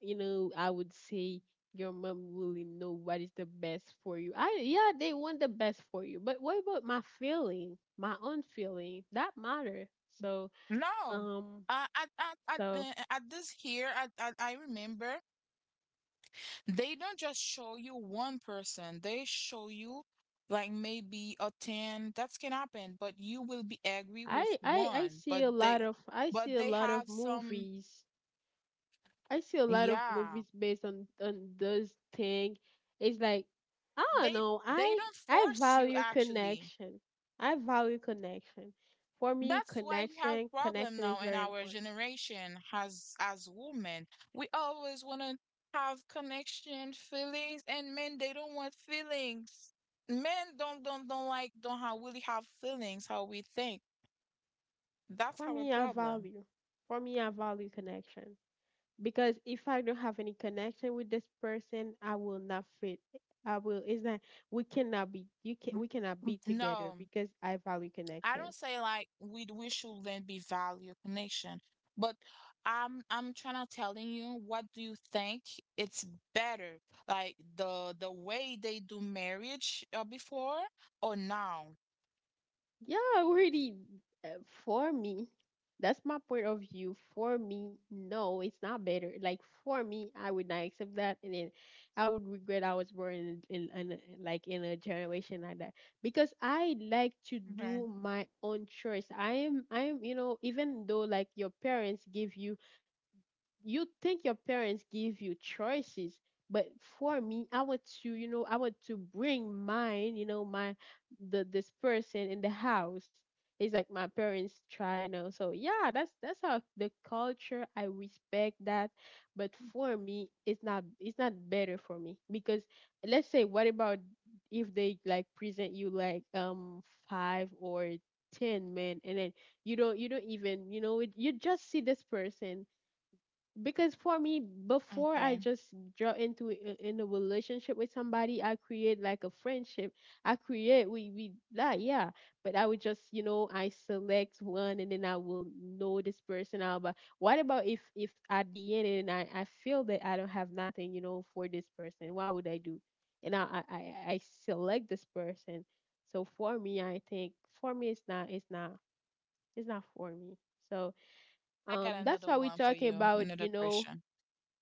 you know, I would say, your mom really know what is the best for you. I... yeah, they want the best for you, but what about my feeling, my own feeling? That matter. So, No. um, Uh, at, at, at, so uh, at this here, at, at, I remember they don't just show you one person, they show you like maybe a ten. That can happen, but you will be angry with I I I one. But see a lot they, of I but see a they lot have of some, movies. I see a lot of yeah. movies based on on those thing. It's like, I don't they know. they I don't I force you value actually. connection. I value connection. For me, That's why we have connection problem connection now is in very our important. generation as as women. We always want to have connection, feelings, and men, they don't want feelings. Men don't don't don't like don't have, really have feelings how we think. That's For our me, I problem. value. For me, I value connection. Because if I don't have any connection with this person, I will not fit. I will. It's not. We cannot be. You can. We cannot be together No. because I value I don't connection. say like we we shouldn't be value connection, but I'm I'm trying to telling you what do you think it's better, like the the way they do marriage uh, before or now? Yeah, really. uh, For me, that's my point of view. For me, no, it's not better. Like for me, I would not accept that, and then I would regret I was born in, in, in a- like, in a generation like that, because I like to Hmm do my own choice. I am, I am, you know, even though, like, your parents give you... you think your parents give you choices, but for me, I want to, you know I want to bring mine, you know my... the this person in the house. It's like my parents try now. So yeah, that's that's how the culture. I respect that, but for me it's not, it's not better for me, because let's say, what about if they, like, present you like um five or ten men, and then you don't you don't even, you know it, you just see this person. Because for me, before Okay, I just draw into a- in a relationship with somebody, I create like a friendship, I create, we we that, yeah. But I would just, you know I select one and then I will know this person out. But what about if, if at the end, and i i feel that I don't have nothing, you know for this person, what would I do? And i i i I select this person. So for me, I think, for me it's not, it's not it's not for me. So, I got um another that's one why we're for you, talking another about, you question. know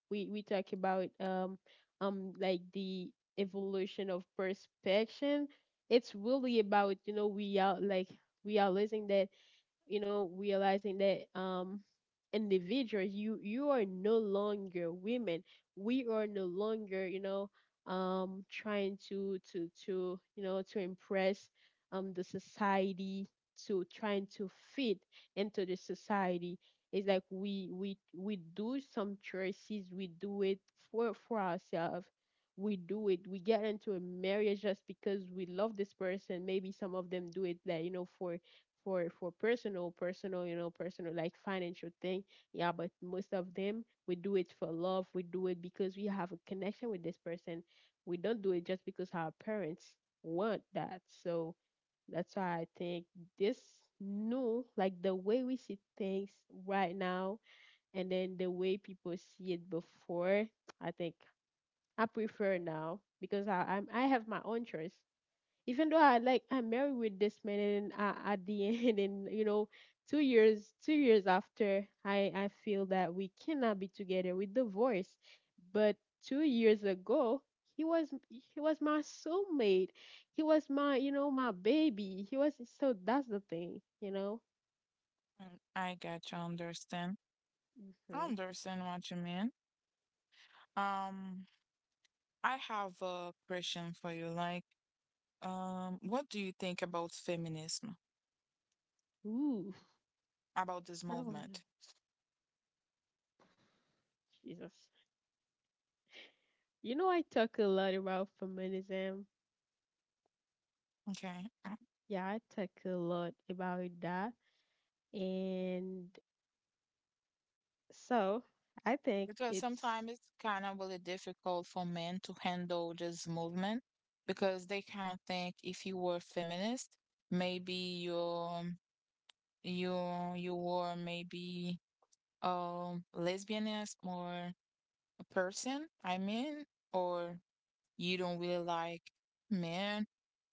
we we talk about, um um like, the evolution of perspection. It's really about, you know we are like, we are losing that, you know, realizing that, um individuals, you you are no longer women. We are no longer, you know, um trying to to to, you know to impress, um the society, to trying to fit into the society. It's like, we we we do some choices, we do it for for ourselves. We do it. We get into a marriage just because we love this person. Maybe some of them do it that, you know, for, for for personal, personal you know personal, like, financial thing. Yeah, but most of them, we do it for love. We do it because we have a connection with this person. We don't do it just because our parents want that. So that's why I think this new, like, the way we see things right now, and then the way people see it before, I think, I prefer now because i I'm, I have my own choice. Even though I, like, I'm married with this man, and uh, at the end, and, you know two years, two years after, I I feel that we cannot be together, we divorced. But two years ago, he was, he was my soulmate. He was my, you know my baby. He was... so that's the thing, you know. Mm, I got you. I understand? I Hmm. understand what you mean. Um, I have a question for you. Like, um, what do you think about feminism? Ooh, About this I don't know. movement? Jesus, you know I talk a lot about feminism. Okay. Uh, yeah, I talk a lot about that, and... So I think Because it's... sometimes it's kind of really difficult for men to handle this movement because they kind of think if you were feminist, maybe you're you you were maybe um lesbianist or a person, I mean, or you don't really like men,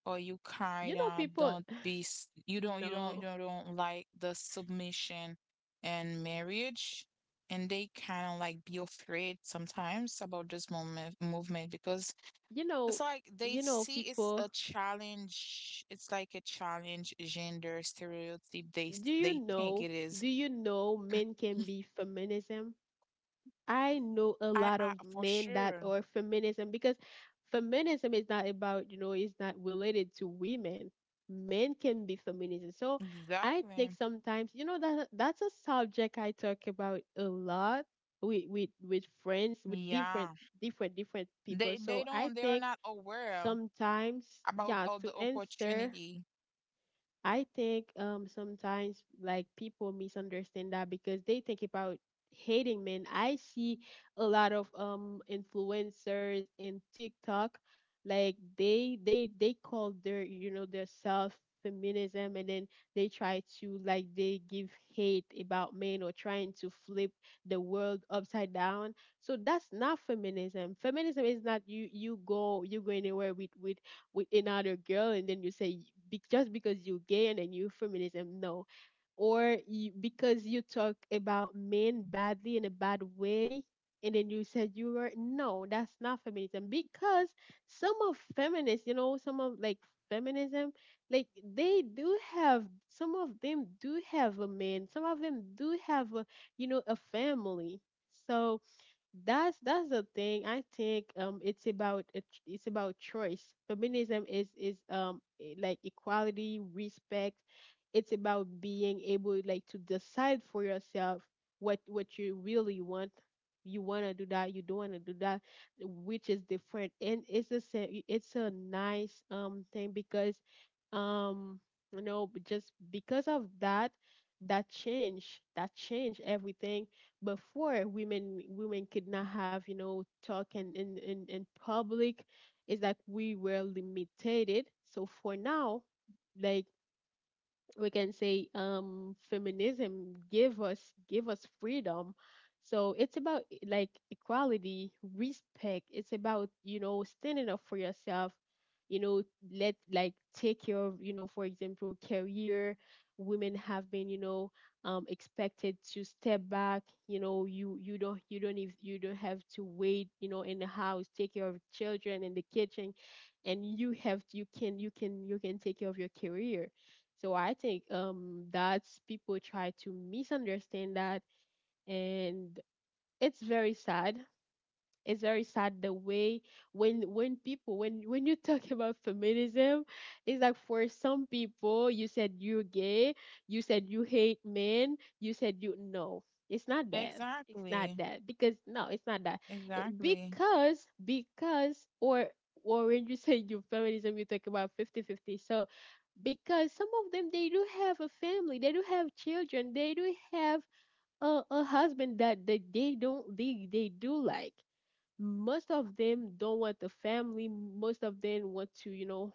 or you kind you know, of people don't be s- you don't you don't you no, don't don't like the submission and marriage, and they kind of like be afraid sometimes about this moment movement, because you it's know... like they you know see it's people. a challenge, it's like a challenge gender stereotype, they Do s- you they think know, it is. do you know, men can be feminism? I know a i lot i of for men that sure are feminism, because feminism is not about, you know, it's not related to women. Men can be feminism. So I exactly think sometimes, you know, that that's a subject I talk about a lot with, with with friends, with different yeah different different people. they they So I don't, they are think not aware sometimes, about yeah, all to the answer, opportunity. I think, um sometimes, like, people misunderstand that, because they think about hating men. I see a lot of um influencers in TikTok like they they they call their you know their self feminism, and then they try to, like, they give hate about men or trying to flip the world upside down. So that's not feminism. Feminism is not you you go you go anywhere with with with another girl and then you say be- just because you're gay and then you feminism, no. Or you, because you talk about men badly in a bad way and then you said you were, no, that's not feminism. Because some of feminists, you know, some of like feminism, like they do have, some of them do have a man, some of them do have a, you know, a family. So that's that's the thing. I think um it's about a ch- it's about choice. Feminism is is um e- like equality, respect. It's about being able, like, to decide for yourself what what you really want. You want to do that, you don't want to do that, which is different. And it's a sa- it's a nice um thing because um you know, just because of that, that change that change everything. Before women women could not have, you know, talk in in in, in public. It's like we were limited, so for now, like, we can say, um feminism give us give us freedom. So it's about e- like equality, respect. It's about, you know, standing up for yourself, you know, let like take care of, you know, for example, career. Women have been, you know, um expected to step back, you know, you you don't you don't, if you don't have to wait, you know, in the house, take care of children in the kitchen. And you have, you can you can you can take care of your career. So I think um that's, people try to misunderstand that, and it's very sad. It's very sad the way when when people, when when you talk about feminism, it's like for some people, you said you're gay, you said you hate men, you said you no. It's not that. It's not Exactly. that, because no, it's not that. It- Exactly. because because or or when you say you feminism, you talk about fifty-fifty. So because some of them, they do have a family, they do have children, they do have a, a husband that they, they don't, they, they do like, most of them don't want the family, most of them want to, you know,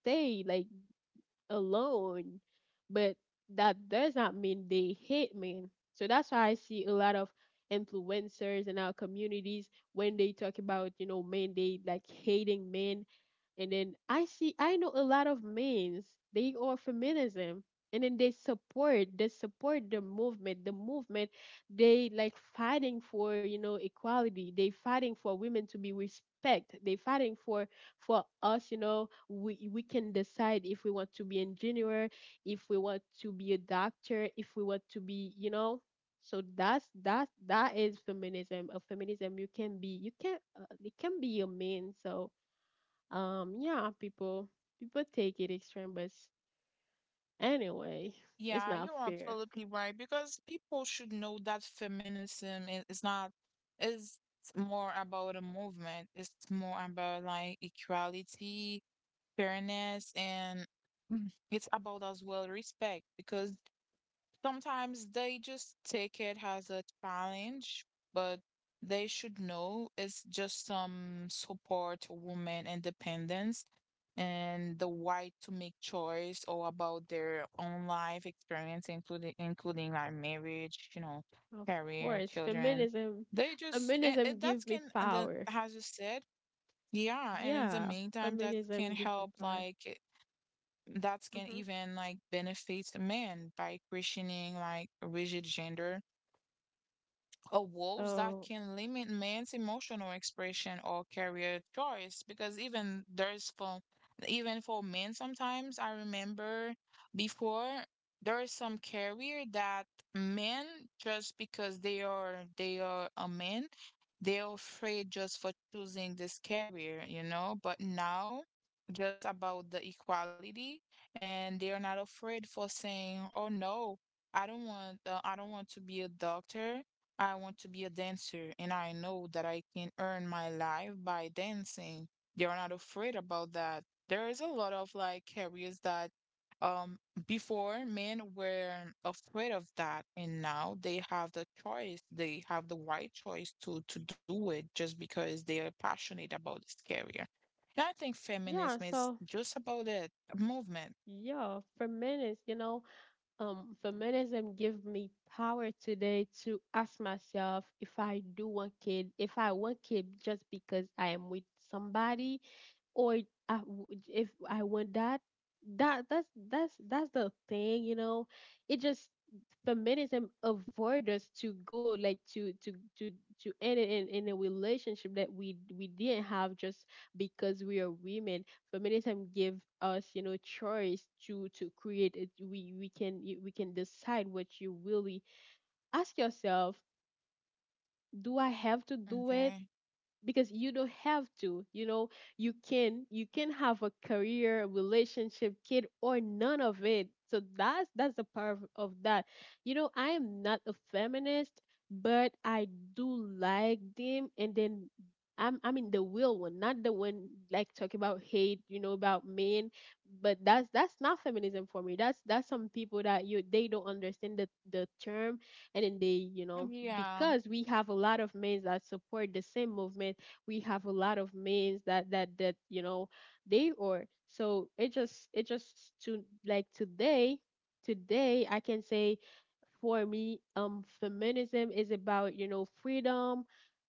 stay like alone. But that does not mean they hate men. So that's why I see a lot of influencers in our communities when they talk about, you know, men, they like hating men. And then I see, I know a lot of men, they are feminism. And then they support, they support the movement, the movement, they like fighting for, you know, equality. They fighting for women to be respect. They fighting for, for us, you know, we, we can decide if we want to be engineer, if we want to be a doctor, if we want to be, you know, so that's that that is feminism. A feminism you can be, you can, uh, it can be a man. So um, yeah, people people take it extreme, but s- anyway, it's Yeah, not you're fair. absolutely right, because people should know that feminism i- is not, is more about a movement. It's more about like equality, fairness, and mm, it's about as well respect, because sometimes they just take it as a challenge, but they should know it's just some support woman independence and the right to make choice or about their own life experience, including including like marriage, you know, Of career, course, children. feminism They just and, and feminism that give me can, and the, power. as you said, yeah, and in the Yeah, meantime, that can feminism give me help power. like that can Hmm. even like benefit men by questioning like rigid gender a walls that So can limit man's emotional expression or career choice, because even there's for even for men sometimes I remember before there is some career that men, just because they are they are a man, they're afraid just for choosing this career, you know, but now just about the equality, and they are not afraid for saying, oh no, I don't want uh, I don't want to be a doctor, I want to be a dancer, and I know that I can earn my life by dancing. They're not afraid about that. There is a lot of like careers that um before men were afraid of that, and now they have the choice. They have the right choice to to do it just because they are passionate about this career. And I think yeah, feminism is so just about it, a movement. yeah, feminist, you know, um, feminism give me power today to ask myself if I do want kid, if I want kid just because I am with somebody, or I w if I want that, that that's that's that's the thing, you know. It just, feminism avoid us to go, like, to to to to end it in, in a relationship that we we didn't have just because we are women. Feminism give us, you know, choice to to create it. We we can, we can decide what you really ask yourself. Do I have to do it? Okay. Because you don't have to, you know, you can you can have a career, relationship, kid, or none of it. So that's that's the part of, of that. You know, I am not a feminist, but I do like them. And then I'm, I mean the real one, not the one like talk about hate, you know, about men. But that's that's not feminism for me. That's that's some people that, you, they don't understand the the term. And then they, you know, Yeah. because we have a lot of men that support the same movement, we have a lot of men that that that you know they are. So it just, it just to like, today, today I can say for me, um feminism is about, you know, freedom.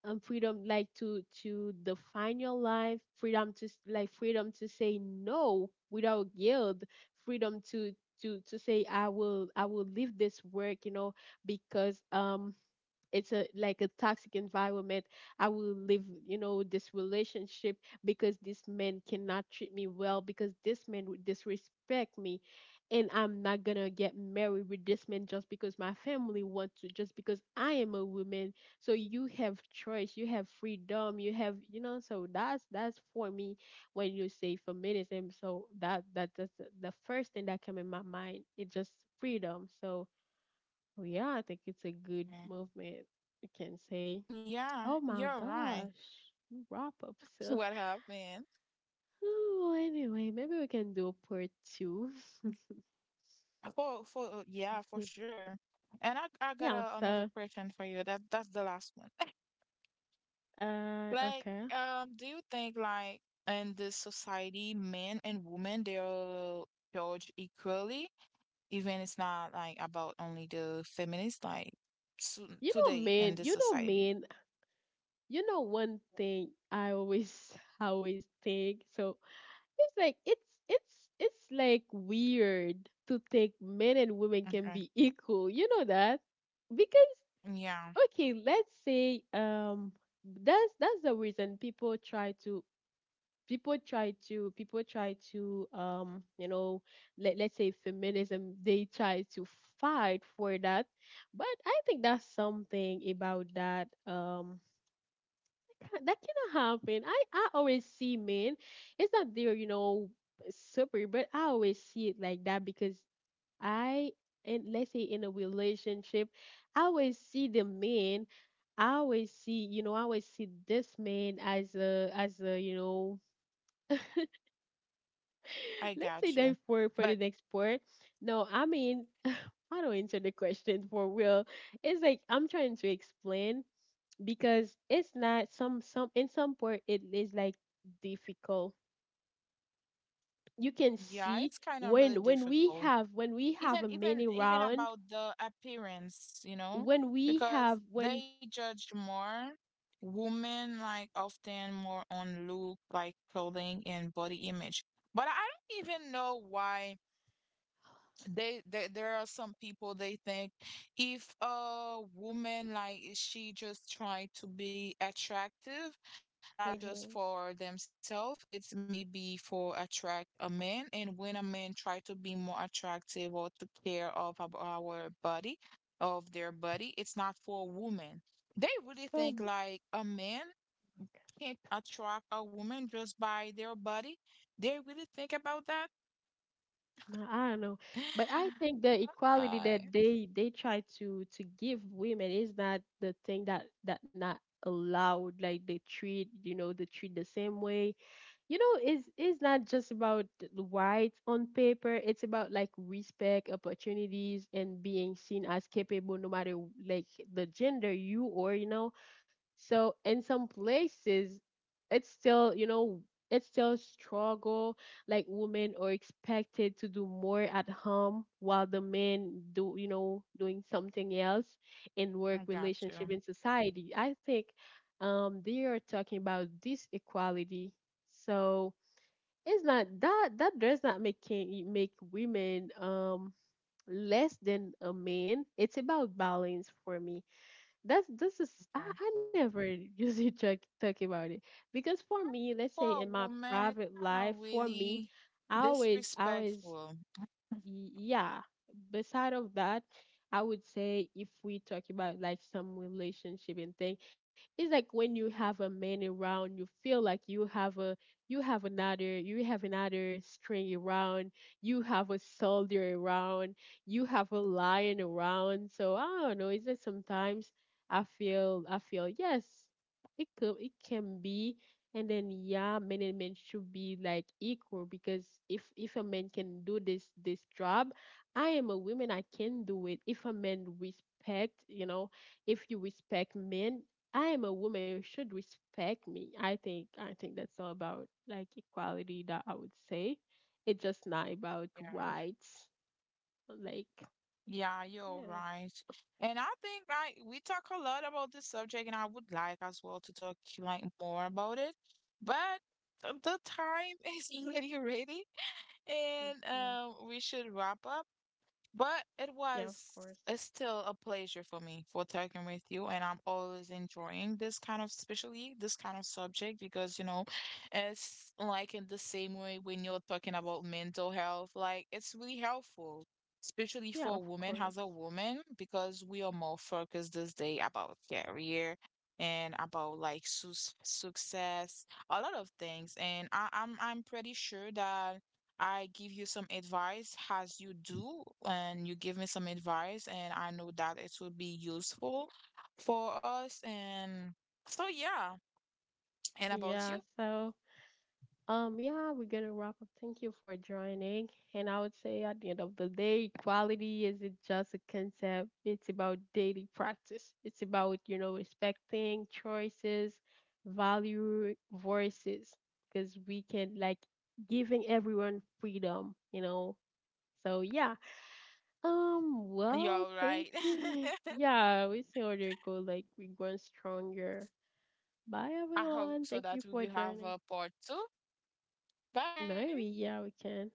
um Freedom like to to define your life, freedom to s- like freedom to say no without guilt, freedom to to to say I will, I will leave this work, you know, because um it's a like a toxic environment. I will live, you know, this relationship because this man cannot treat me well, because this man would disrespect me. And I'm not gonna get married with this man just because my family wants to, just because I am a woman. So you have choice, you have freedom, you have, you know. So that's that's for me. When you say feminism, so that that that's the the first thing that came in my mind. It's just freedom. So, well, yeah, I think it's a good movement. We can say, Yeah, oh my you're right. gosh, wrap up. So, What happened? oh, anyway, maybe we can do a part two. For for yeah, for sure. And I I Yeah, got a, so, another question for you. That that's the last one. uh, Like, okay. um, do you think like in this society, men and women, they're judged equally, even it's not like about only the feminists, like to, You know, today man, in this you know, society. man, you know, one thing I always, always think. So it's like, it's, it's, it's like weird to think men and women can Okay. be equal. You know that? Because, Yeah, okay, let's say um that's that's the reason people try to, people try to people try to um you know, let, let's say feminism, they try to fight for that. But I think that's something about that, um ca- that cannot happen. I i always see men, it's not there, you know, super, but I always see it like that because I, and let's say in a relationship, I always see the man. I always see, you know, I always see this man as a, as a, you know, I let's say got you. that for for the But next part. No, I mean, I don't answer the question for real. It's like I'm trying to explain because it's not some, some in some part it is like difficult. You can yeah, see it's kind of really when when we difficult. have, when we have even a even mini even round, about the appearance, you know, when we have because when they judge more women like often more on look, like clothing and body image. But I don't even know why they, they there are some people they think if a woman like is she just trying to be attractive like just Mm-hmm. for themselves, it's maybe for attract a man, and when a man try to be more attractive or to care of ab- our body of their body, it's not for a woman, they really So think like a man can't attract a woman just by their body, they really think about that. nah, I don't know, but I think the equality that Hi. they they try to to give women is not the thing that, that not allowed. Like they treat, you know, they treat the same way. You know, it's it's not just about the rights on paper. It's about like respect, opportunities, and being seen as capable, no matter like the gender you, or you know. So in some places, it's still, you know, it's still struggle. Like women are expected to do more at home while the men do, you know, doing something else, in work, I got relationship, you. in society. I think um they are talking about this equality. So it's not that, that does not make can- make women um less than a man. It's about balance for me. That's, this is, I, Okay. I never usually talk talk about it because for me, let's For say a in my woman, it's private kind life, of for me, really I always I always, disrespectful. y- yeah, beside of that, I would say, if we talk about like some relationship and thing, it's like when you have a man around, you feel like you have a, you have another, you have another string around, you have a soldier around, you have a lion around. So I don't know, it's just sometimes i feel I feel, yes, it could, it can be. And then yeah, men and men should be like equal, because if if a man can do this this job, I am a woman, I can do it. If a man respect, you know, if you respect men, I am a woman, you should respect me. I think, I think that's all about like equality that I would say. It's just not about Yeah. rights. Like Yeah, you're yeah. right. And I think like we talk a lot about this subject, and I would like as well to talk like more about it. But the the time is already ready, and Hmm. um, we should wrap up. But it Yeah, of was course. it's still a pleasure for me for talking with you, and I'm always enjoying this kind of, especially this kind of subject, because, you know, it's like in the same way when you're talking about mental health, like it's really helpful, especially Yeah, of for women course. as a woman, because we are more focused this day about career and about like su success, a lot of things, and I I'm I'm pretty sure that. I give you some advice as you do, and you give me some advice, and I know that it will be useful for us. And so, yeah. And about Yeah, you, so, Um, yeah, we're gonna wrap up. Thank you for joining. And I would say at the end of the day, equality isn't just a concept, it's about daily practice. It's about, you know, respecting choices, value voices, because we can like giving everyone freedom, you know. So yeah. Um, you're Well, all thank right. you. Yeah, we see how they go, like we're going stronger. Bye I hope everyone. so Thank that you we for will have joining. a part two. Maybe, Bye. yeah, we can.